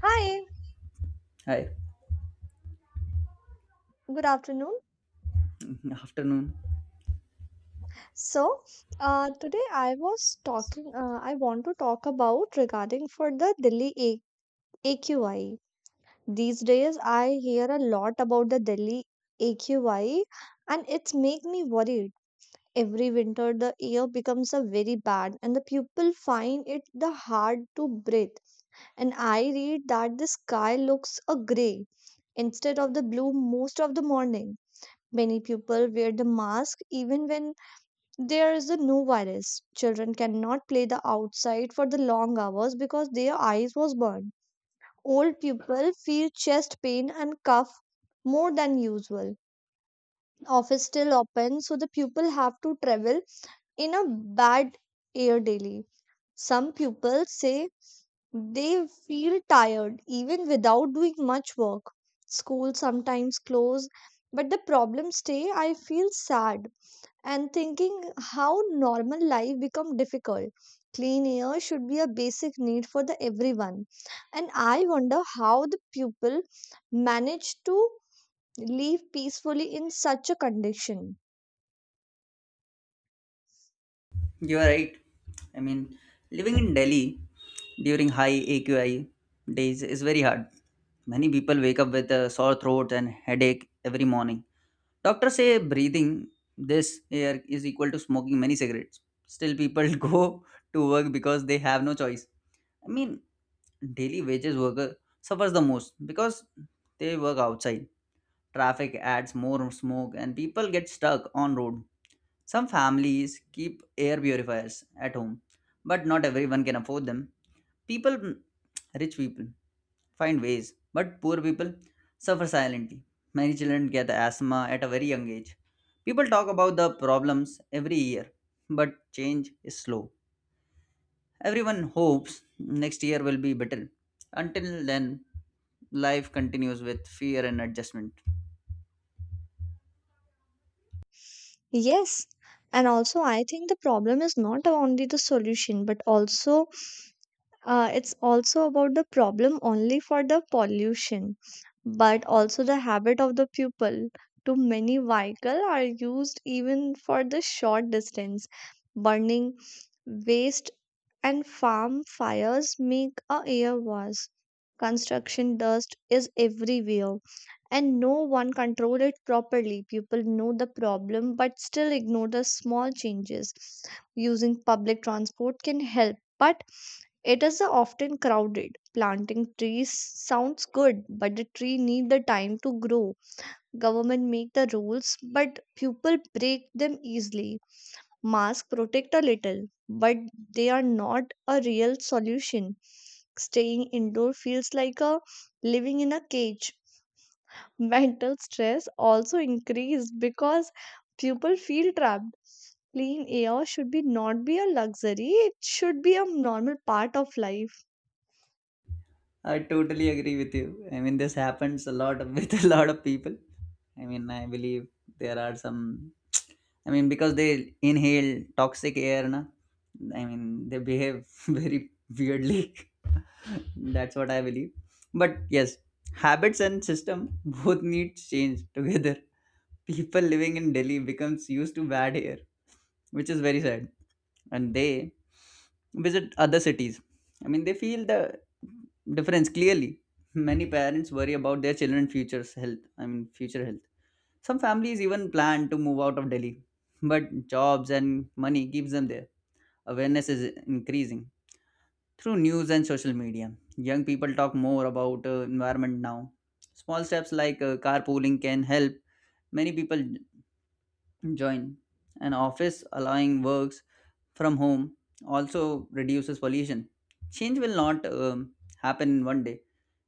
Hi, Hi, good afternoon. afternoon. So, today I want to talk about regarding for the Delhi AQI. These days I hear a lot about the Delhi AQI and it's make me worried. Every winter the air becomes a very bad and the people find it the hard to breathe. And I read that the sky looks a gray instead of the blue most of the morning. Many people wear the mask even when there is a new virus. Children cannot play the outside for the long hours because their eyes was burned. Old people feel chest pain and cough more than usual. Office still open, so the pupil have to travel in a bad air daily. Some pupils say they feel tired even without doing much work. School sometimes close, but the problem stay. I feel sad and thinking how normal life become difficult. Clean air should be a basic need for the everyone and I wonder how the people manage to live peacefully in such a condition. You are right. I mean, living in Delhi during high AQI days is very hard. Many people wake up with a sore throat and headache every morning. Doctors say breathing this air is equal to smoking many cigarettes. Still, people go to work because they have no choice. I mean, daily wages worker suffers the most because they work outside. Traffic adds more smoke, and people get stuck on road. Some families keep air purifiers at home, but not everyone can afford them. People, rich people, find ways, but poor people suffer silently. Many children get asthma at a very young age. People talk about the problems every year, but change is slow. Everyone hopes next year will be better. Until then, life continues with fear and adjustment. Yes, and also I think the problem is not only the solution but also, it's also about the problem only for the pollution, but also the habit of the pupil. Too many vehicles are used even for the short distance. Burning waste and farm fires make a air worse. Construction dust is everywhere and no one control it properly. People know the problem but still ignore the small changes. Using public transport can help, but it is often crowded. Planting trees sounds good but the tree need the time to grow. Government make the rules but people break them easily. Masks protect a little but they are not a real solution. Staying indoor feels like a living in a cage. Mental stress also increased because people feel trapped. Clean air should be not be a luxury, it should be a normal part of life. I totally agree with you. This happens with a lot of people. I believe there are some. Because they inhale toxic air, na. They behave very weirdly. That's what I believe. But yes, habits and system both need change together. People living in Delhi becomes used to bad air, which is very sad. And they visit other cities. They feel the difference clearly. Many parents worry about their children's future health. Some families even plan to move out of Delhi, but jobs and money keeps them there. Awareness is increasing through news and social media. Young people talk more about environment now. Small steps like carpooling can help many people join an office allowing works from home also reduces pollution. Change will not happen in one day.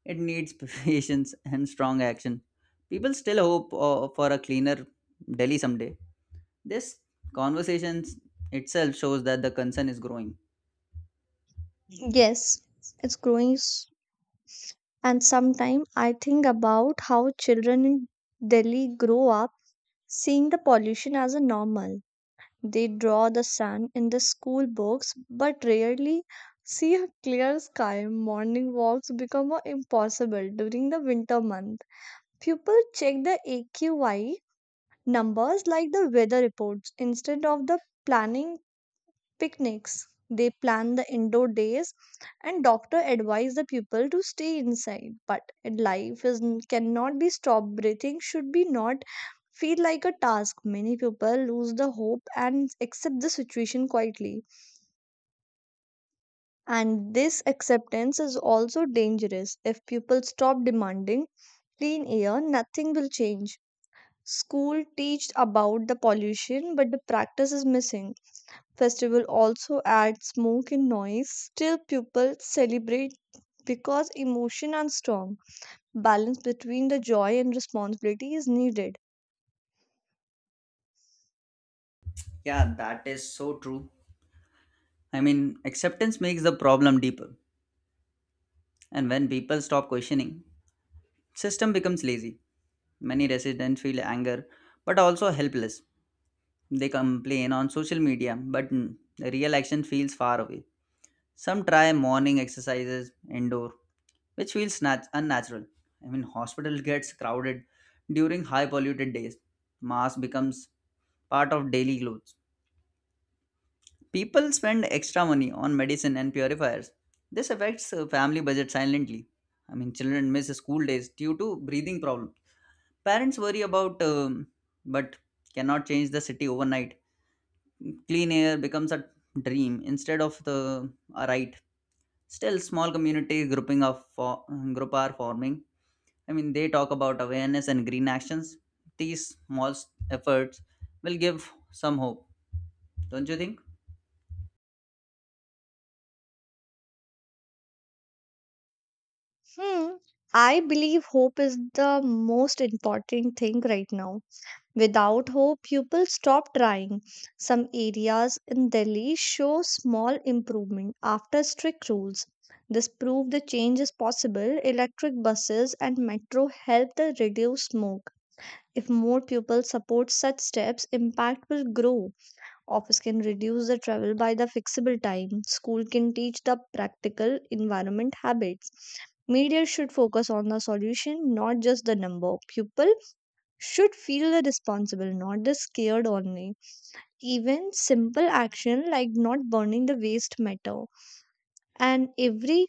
It needs patience and strong action. People still hope for a cleaner Delhi someday. This conversation itself shows that the concern is growing. Yes, it's growing. s- and sometimes I think about how children in Delhi grow up seeing the pollution as a normal. They draw the sun in the school books but rarely see a clear sky. Morning walks become a impossible during the winter months. Pupils check the AQI numbers like the weather reports instead of the planning picnics. They plan the indoor days and doctor advise the pupil to stay inside. But life is cannot be stopped. Breathing should be not feel like a task. Many people lose the hope and accept the situation quietly. And this acceptance is also dangerous. If people stop demanding clean air, nothing will change. School teach about the pollution, but the practice is missing. Festival also add smoke and noise. Still, people celebrate because emotion are strong. Balance between the joy and responsibility is needed. Yeah, that is so true. I mean, acceptance makes the problem deeper, and when people stop questioning, system becomes lazy. Many residents feel anger but also helpless. They complain on social media, but the real action feels far away. Some try morning exercises indoor, which feels unnatural. Hospital gets crowded during high polluted days. Mask becomes part of daily clothes. People spend extra money on medicine and purifiers. This affects family budget silently. Children miss school days due to breathing problem. Parents worry about, but cannot change the city overnight. Clean air becomes a dream instead of the a right. Still, small community group are forming. I mean, they talk about awareness and green actions. These efforts will give some hope, don't you think? Hmm. I believe hope is the most important thing right now. Without hope, people stop trying. Some areas in Delhi show small improvement after strict rules. This proves the change is possible. Electric buses and metro help to reduce smoke. If more people support such steps, impact will grow. Office can reduce the travel by the fixable time. School can teach the practical environment habits. Media should focus on the solution, not just the number of people should feel the responsible, not the scared only. Even simple action like not burning the waste matter. And every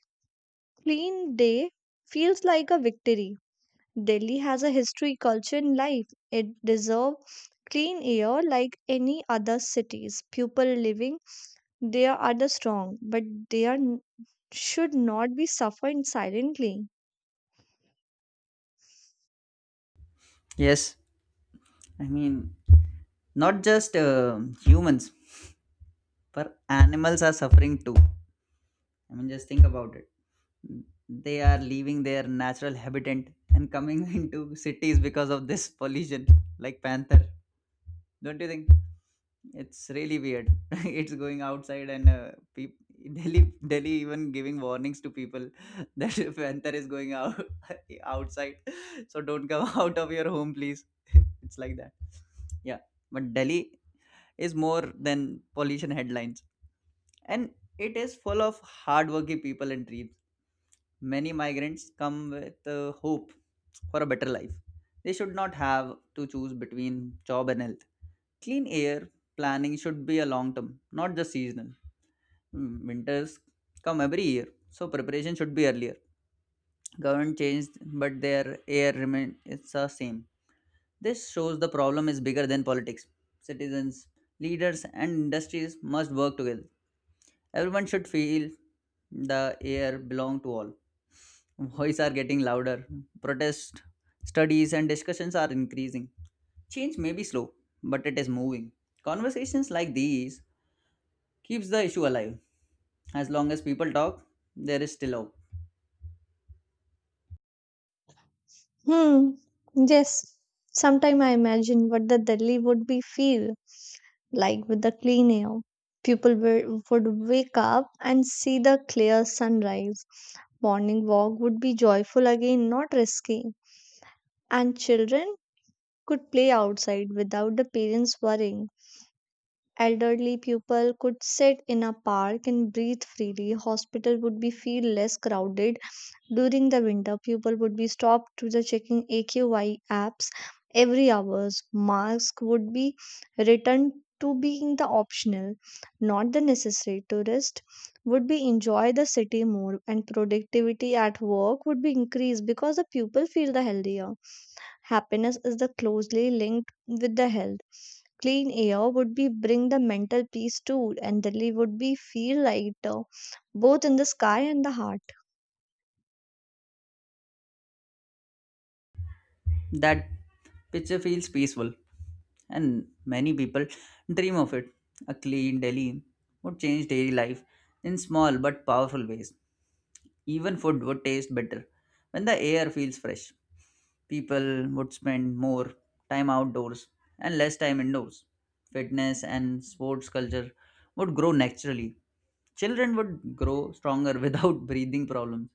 clean day feels like a victory. Delhi has a history, culture, and life. It deserves clean air like any other cities. People living there are the strong, but they are n- should not be suffering silently. Yes, I mean, not just humans but animals are suffering too. I mean, just think about it. They are leaving their natural habitat and coming into cities because of this pollution, like panther. Don't you think? It's really weird. it's going outside and peop Delhi even giving warnings to people that if panther is going out outside, so don't come out of your home, please. It's like that. Yeah, but Delhi is more than pollution headlines, and it is full of hardworking people and dreams. Many migrants come with hope for a better life. They should not have to choose between job and health. Clean air planning should be a long term, not just seasonal. Winters come every year, so preparation should be earlier. Government changed, but their air remain it's the same. This shows the problem is bigger than politics. Citizens, leaders, and industries must work together. Everyone should feel the air belong to all. Voices are getting louder. Protest, studies, and discussions are increasing. Change may be slow, but it is moving. Conversations like these keeps the issue alive. As long as people talk, there is still hope. Hmm. Yes. Sometime I imagine what the Delhi would be feel like with the clean air. People wi- would wake up and see the clear sunrise. Morning walk would be joyful again, not risky. And children could play outside without the parents worrying. Elderly people could sit in a park and breathe freely. Hospital would be feel less crowded during the winter. People would be stopped to the checking AQI apps every hours. Masks would be returned to being the optional, not the necessary. Tourists would be enjoy the city more and productivity at work would be increased because the people feel the healthier. Happiness is the closely linked with the health. Clean air would be bring the mental peace too and Delhi would be feel lighter both in the sky and the heart. That picture feels peaceful, and many people dream of it. A clean Delhi would change daily life in small but powerful ways. Even food would taste better when the air feels fresh. People would spend more time outdoors and less time indoors. Fitness and sports culture would grow naturally. Children would grow stronger without breathing problems.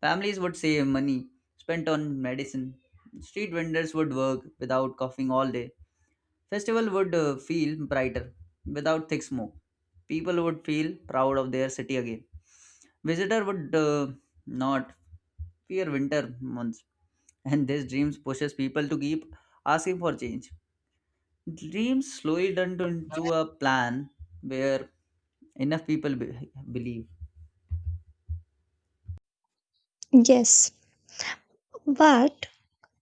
Families would save money spent on medicine. Street vendors would work without coughing all day. Festival would feel brighter without thick smoke. People would feel proud of their city again. Visitor would not fear winter months. And this dreams pushes people to keep asking for change. Dreams slowly turned into a plan where enough people believe. Yes, but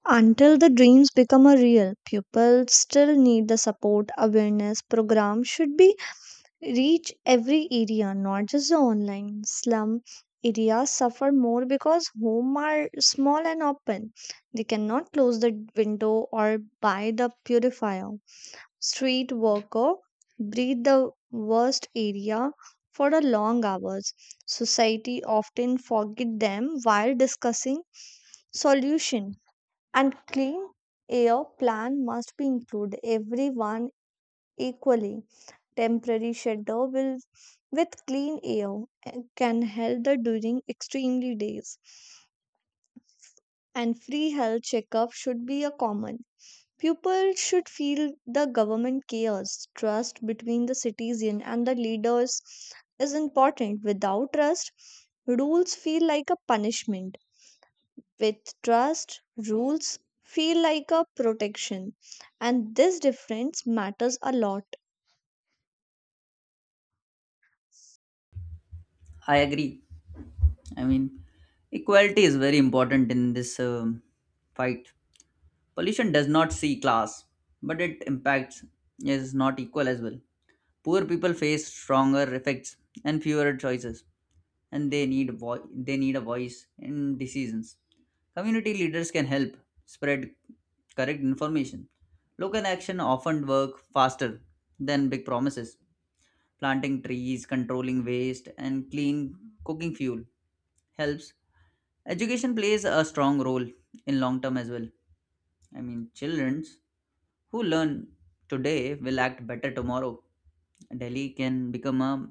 until the dreams become a real, pupils still need the support. Awareness program should be reach every area, not just the online. Slum areas suffer more because home are small and open. They cannot close the window or buy the purifier. Street worker breathe the worst area for the long hours. Society often forget them while discussing solution, and clean air plan must be included everyone equally. Temporary shelter will with clean air can help the during extremely days, and free health checkup should be a common. People should feel the government cares. Trust between the citizen and the leaders is important. Without trust, rules feel like a punishment. With trust, rules feel like a protection. And this difference matters a lot. I agree. I mean, equality is very important in this fight. Pollution does not see class, but it impacts is not equal as well. Poor people face stronger effects and fewer choices, and they need a voice in decisions. Community leaders can help spread correct information. Local action often work faster than big promises. Planting trees, controlling waste, and clean cooking fuel helps. Education plays a strong role in long term as well. Children who learn today will act better tomorrow. Delhi can become a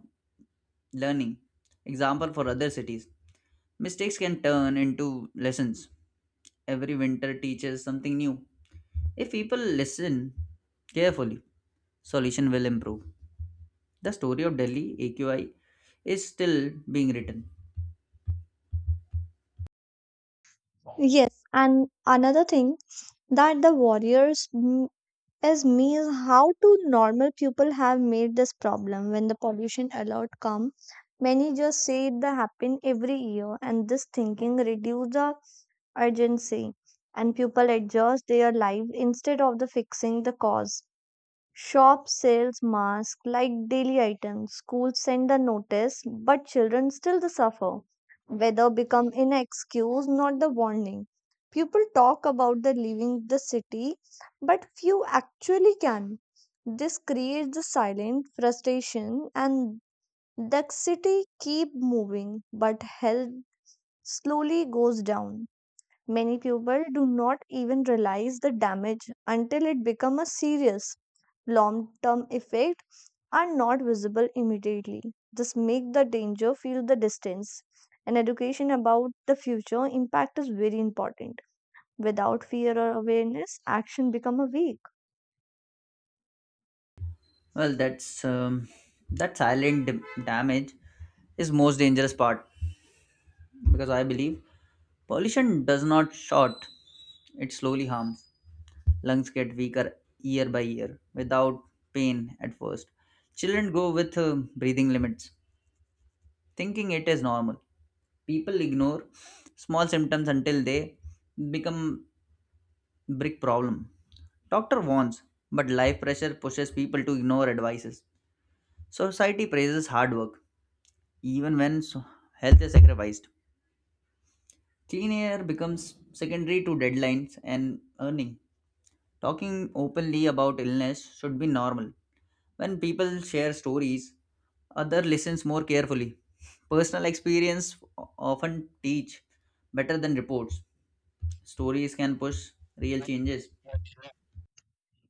learning example for other cities. Mistakes can turn into lessons. Every winter teaches something new. If people listen carefully, solution will improve. The story of Delhi AQI is still being written. Yes, and another thing that the warriors m- is me is how do normal people have made this problem when the pollution alert come? Many just say it the happen every year, and this thinking reduce the urgency, and people adjust their life instead of the fixing the cause. Shop sells masks like daily items. Schools send the notice, but children still the suffer. Weather become an excuse, not the warning. People talk about the leaving the city, but few actually can. This creates the silent frustration, and the city keep moving, but health slowly goes down. Many people do not even realize the damage until it becomes a serious long term effect are not visible immediately. This make the danger feel the distance. And education about the future impact is very important. Without fear or awareness, action become a weak. Well, that damage is most dangerous part because I believe pollution does not short; it slowly harms. Lungs get weaker year by year without pain at first. Children go with breathing limits, thinking it is normal. People ignore small symptoms until they become Brick problem. Doctor warns, but life pressure pushes people to ignore advices. Society praises hard work, even when health is sacrificed. Clean air becomes secondary to deadlines and earning. Talking openly about illness should be normal. When people share stories, other listens more carefully. Personal experience often teach better than reports. Stories can push real changes.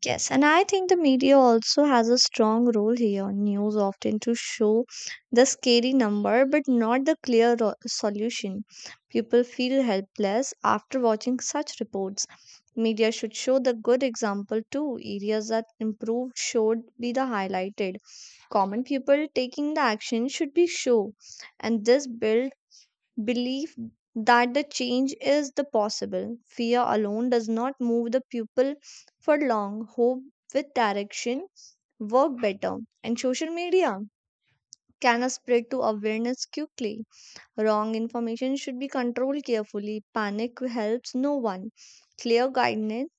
Yes, and I think the media also has a strong role here. News often to show the scary number but not the solution. People feel helpless after watching such reports. Media should show the good example too. Areas that improved should be the highlighted. Common people taking the action should be shown, and this builds belief that the change is the possible. Fear alone does not move the pupil for long. Hope with direction work better. And social media can spread to awareness quickly. Wrong information should be controlled carefully. Panic helps no one. Clear guidance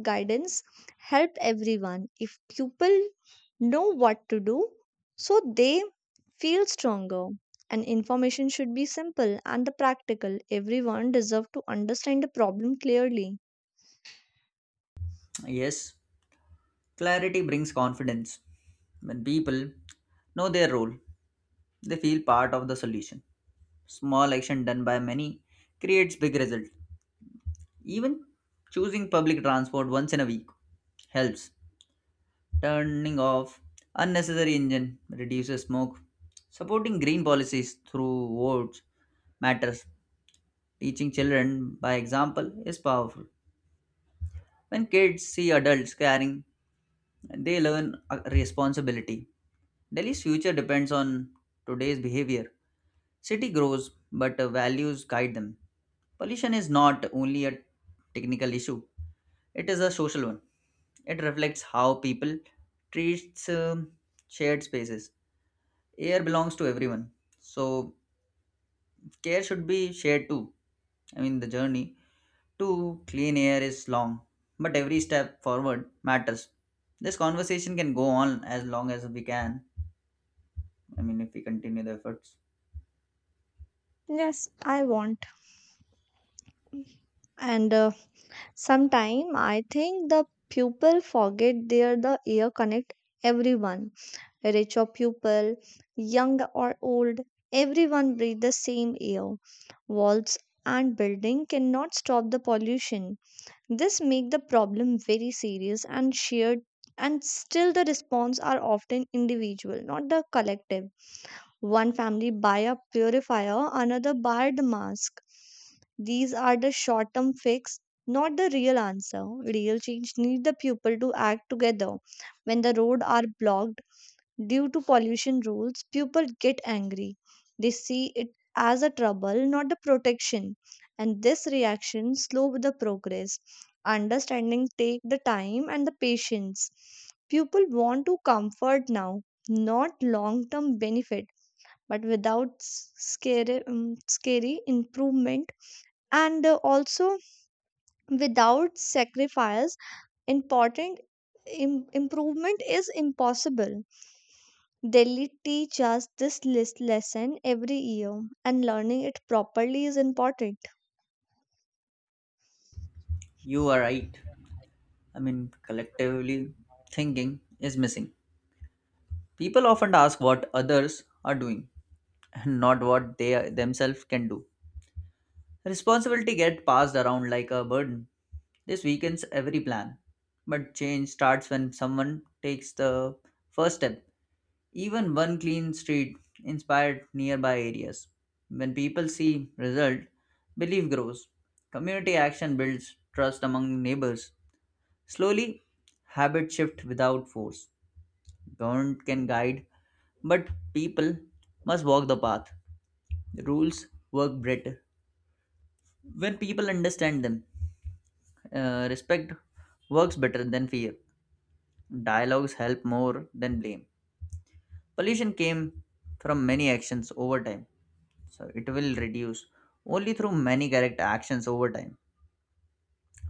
guidance help everyone. If people know what to do so they feel stronger and information should be simple and the practical, everyone deserve to understand the problem clearly. Yes, clarity brings confidence. When people know their role, they feel part of the solution. Small action done by many creates big result. Even choosing public transport once in a week helps. Turning off unnecessary engine reduces smoke. Supporting green policies through votes matters. Teaching children by example is powerful. When kids see adults caring, they learn responsibility. Delhi's future depends on today's behavior. City grows, but values guide them. Pollution is not only a technical issue, it is a social one. It reflects how people treats shared spaces. Air belongs to everyone, so care should be shared too. The journey to clean air is long, but every step forward matters. This conversation can go on as long as we can. If we continue the efforts. Yes, I want and sometime I think the pupil forget they are the ear connect everyone. Rich or pupil, young or old, everyone breathes the same air. Walls and building cannot stop the pollution. This make the problem very serious and shared, and still the response are often individual, not the collective. One family buy a purifier, another buy the mask. These are the short term fix, not the real answer. Real change need the people to act together. When the road are blocked due to pollution rules, people get angry. They see it as a trouble, not a protection, and this reaction slows the progress. Understanding take the time and the patience. People want to comfort now, not long-term benefit, but without scary improvement and also without sacrifice, important improvement is impossible. Delhi teach us this lesson every year, and learning it properly is important. You are right. Collectively thinking is missing. People often ask what others are doing and not what they themselves can do. Responsibility gets passed around like a burden. This weakens every plan. But change starts when someone takes the first step. Even one clean street inspired nearby areas. When people see result, belief grows. Community action builds trust among neighbors. Slowly, habit shift without force. Government can guide, but people must walk the path. Rules work better when people understand them. Respect works better than fear. Dialogues help more than blame. Pollution came from many actions over time, so it will reduce only through many correct actions over time.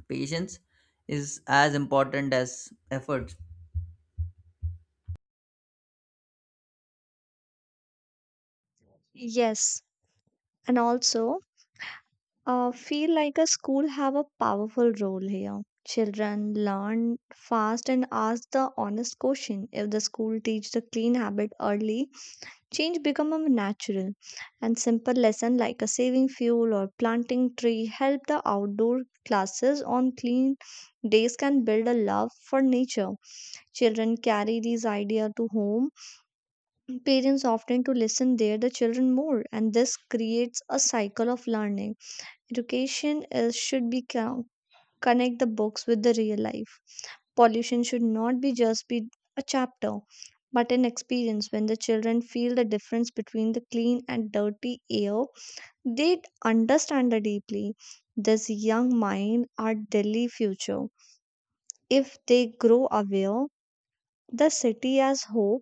Patience is as important as effort. Yes, and also feel like a school have a powerful role here. Children learn fast and ask the honest question. If the school teach the clean habit early, change become a natural. And simple lesson like a saving fuel or planting tree help the outdoor classes on clean days can build a love for nature. Children carry these ideas to home. Parents often to listen there the children more, and this creates a cycle of learning. Education is should be co- Connect the books with the real life. Pollution should not be just be a chapter, but an experience. When the children feel the difference between the clean and dirty air, they understand it deeply. This young mind are Delhi future. If they grow aware, the city has hope.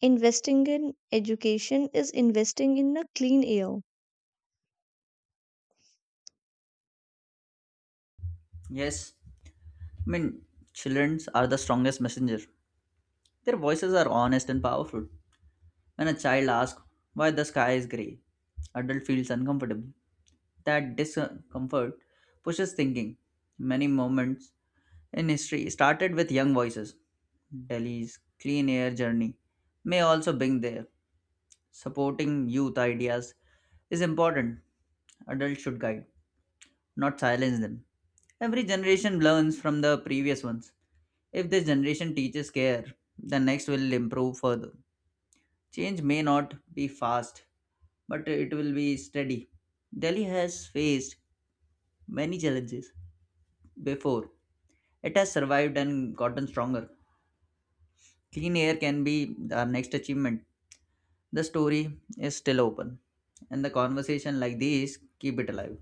Investing in education is investing in a clean air. Yes, I mean, children are the strongest messenger. Their voices are honest and powerful. When a child asks why the sky is grey, adult feels uncomfortable. That discomfort pushes thinking. Many moments in history started with young voices. Delhi's clean air journey may also bring there. Supporting youth ideas is important. Adults should guide, not silence them. Every generation learns from the previous ones. If this generation teaches care, the next will improve further. Change may not be fast, but it will be steady. Delhi has faced many challenges before. It has survived and gotten stronger. Clean air can be our next achievement. The story is still open, and the conversation like these keep it alive.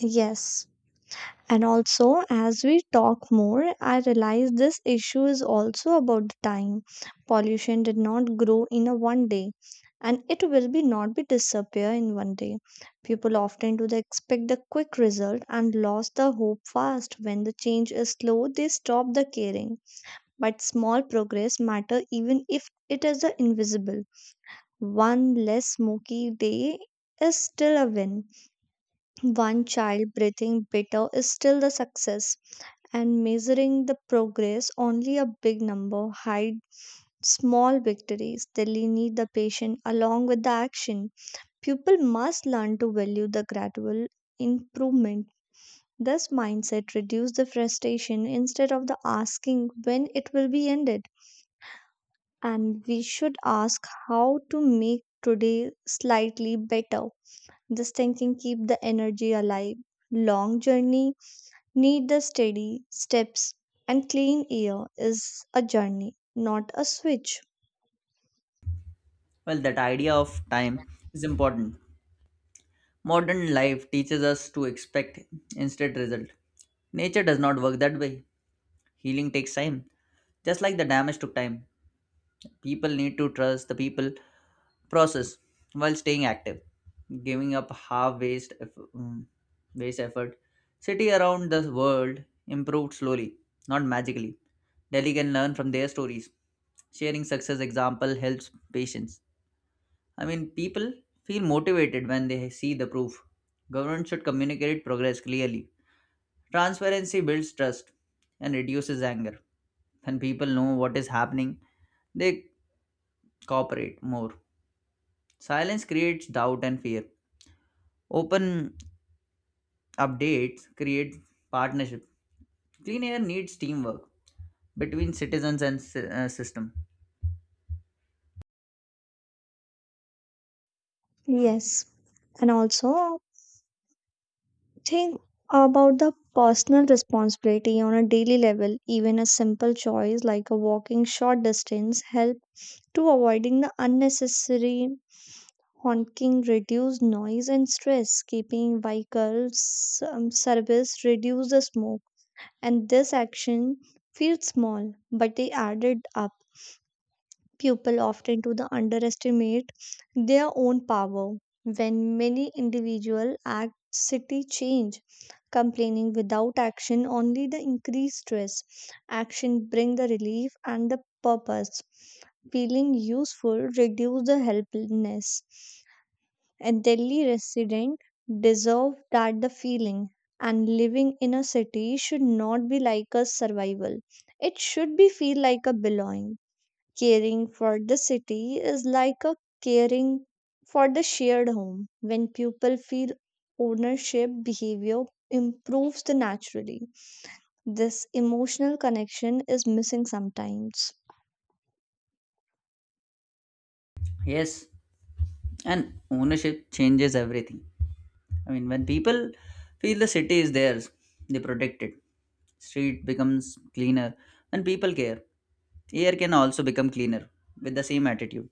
Yes. And also, as we talk more, I realize this issue is also about the time. Pollution did not grow in a one day, and it will be not be disappear in one day. People often do they expect the quick result and lost the hope fast. When the change is slow, they stop the caring. But small progress matter even if it is the invisible. One less smoky day is still a win. One child breathing better is still the success. And measuring the progress only a big number hide small victories. Delhi need the patient along with the action. People must learn to value the gradual improvement. This mindset reduce the frustration instead of the asking when it will be ended. And we should ask how to make today slightly better. This thinking keep the energy alive. Long journey need the steady steps and clean air is a journey, not a switch. Well, that idea of time is important. Modern life teaches us to expect instant result. Nature does not work that way. Healing takes time, just like the damage took time. People need to trust the people process while staying active. Giving up half mm, waste effort. City around the world improved slowly, not magically. Delhi can learn from their stories. Sharing success example helps patients. I mean, people feel motivated when they see the proof. Government should communicate progress clearly. Transparency builds trust and reduces anger. When people know what is happening, they cooperate more. Silence creates doubt and fear. Open updates create partnership. Clean air needs teamwork between citizens and system. Yes. And also think about the personal responsibility on a daily level. Even a simple choice like a walking short distance help to avoiding the unnecessary honking reduce noise and stress. Keeping vehicles service reduce the smoke, and this action feels small, but they added up. People often to the underestimate their own power. When many individual act, city change. Complaining without action only the increased stress. Action bring the relief and the purpose. Feeling useful reduce the helplessness and Delhi resident deserve that the feeling. And living in a city should not be like a survival. It should be feel like a belonging. Caring for the city is like a caring for the shared home. When people feel ownership, behavior improves the naturally. This emotional connection is missing sometimes. Yes, and ownership changes everything. When people feel the city is theirs, they protect it. Street becomes cleaner when people care. Air can also become cleaner with the same attitude.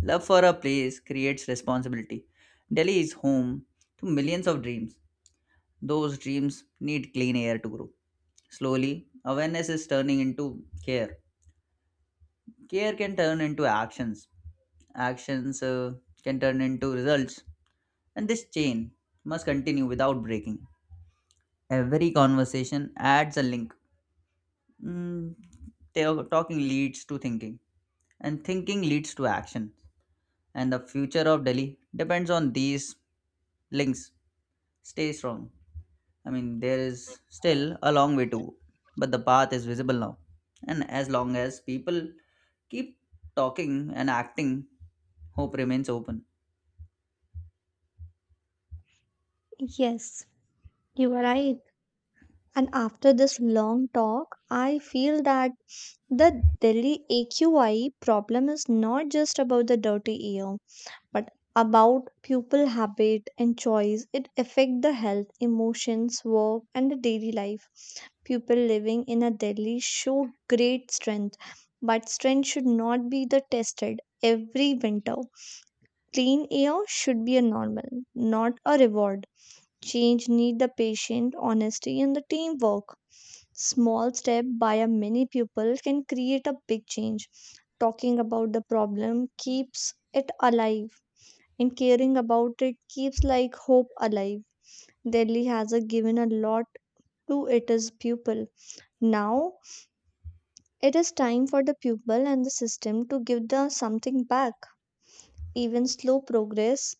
Love for a place creates responsibility. Delhi is home to millions of dreams. Those dreams need clean air to grow. Slowly, awareness is turning into care. Care can turn into actions. Actions can turn into results. And this chain must continue without breaking. Every conversation adds a link. Mm, talking leads to thinking, and thinking leads to action. And the future of Delhi depends on these links. Stay strong. There is still a long way to go, but the path is visible now. And as long as people keep talking and acting, hope remains open. Yes, you are right. And after this long talk, I feel that the Delhi AQI problem is not just about the dirty air, but about pupil habit and choice. It affect the health, emotions, work, and the daily life. People living in a Delhi show great strength, but strength should not be the tested every winter. Clean air should be a normal, not a reward. Change need the patient honesty, and the teamwork. Small step by a many people can create a big change. Talking about the problem keeps it alive, and caring about it keeps like hope alive. Delhi has a given a lot to its pupil. Now it is time for the pupil and the system to give the something back. Even slow progress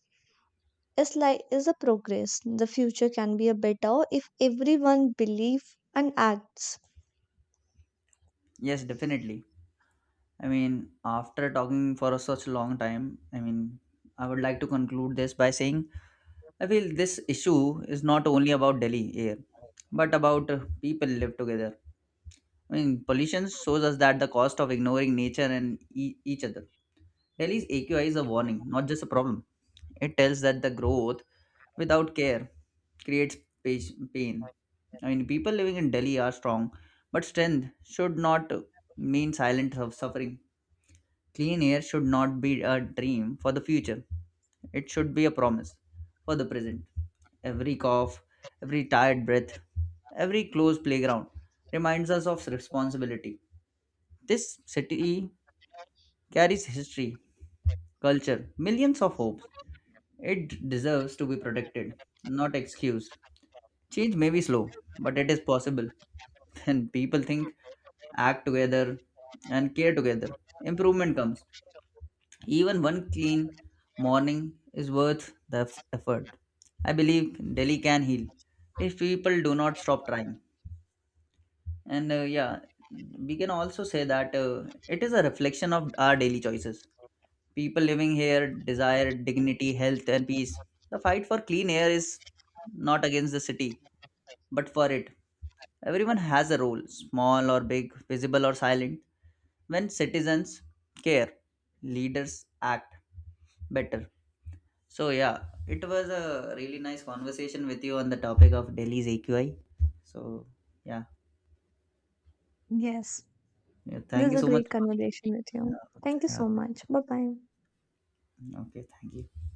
is like is a progress. The future can be a better if everyone believe and acts. Yes, definitely. After talking for such a long time, I would like to conclude this by saying I feel this issue is not only about Delhi air, but about people live together. Pollution shows us that the cost of ignoring nature and each other. Delhi's AQI is a warning, not just a problem. It tells that the growth without care creates pain. People living in Delhi are strong, but strength should not mean silent of suffering. Clean air should not be a dream for the future. It should be a promise for the present. Every cough, every tired breath, every closed playground reminds us of responsibility. This city carries history, culture, millions of hopes. It deserves to be protected, not excused. Change may be slow, but it is possible. When people think, act together, and care together, improvement comes. Even one clean morning is worth the effort. I believe Delhi can heal if people do not stop trying. And yeah, we can also say that it is a reflection of our daily choices. People living here desire dignity, health, and peace. The fight for clean air is not against the city, but for it. Everyone has a role, small or big, visible or silent. When citizens care, leaders act better. So yeah, it was a really nice conversation with you on the topic of Delhi's AQI. So yeah, Yes, yeah this thank is you a so much. great For- conversation with you. Thank you Yeah, so much. Bye bye. yeah, okay, thank you.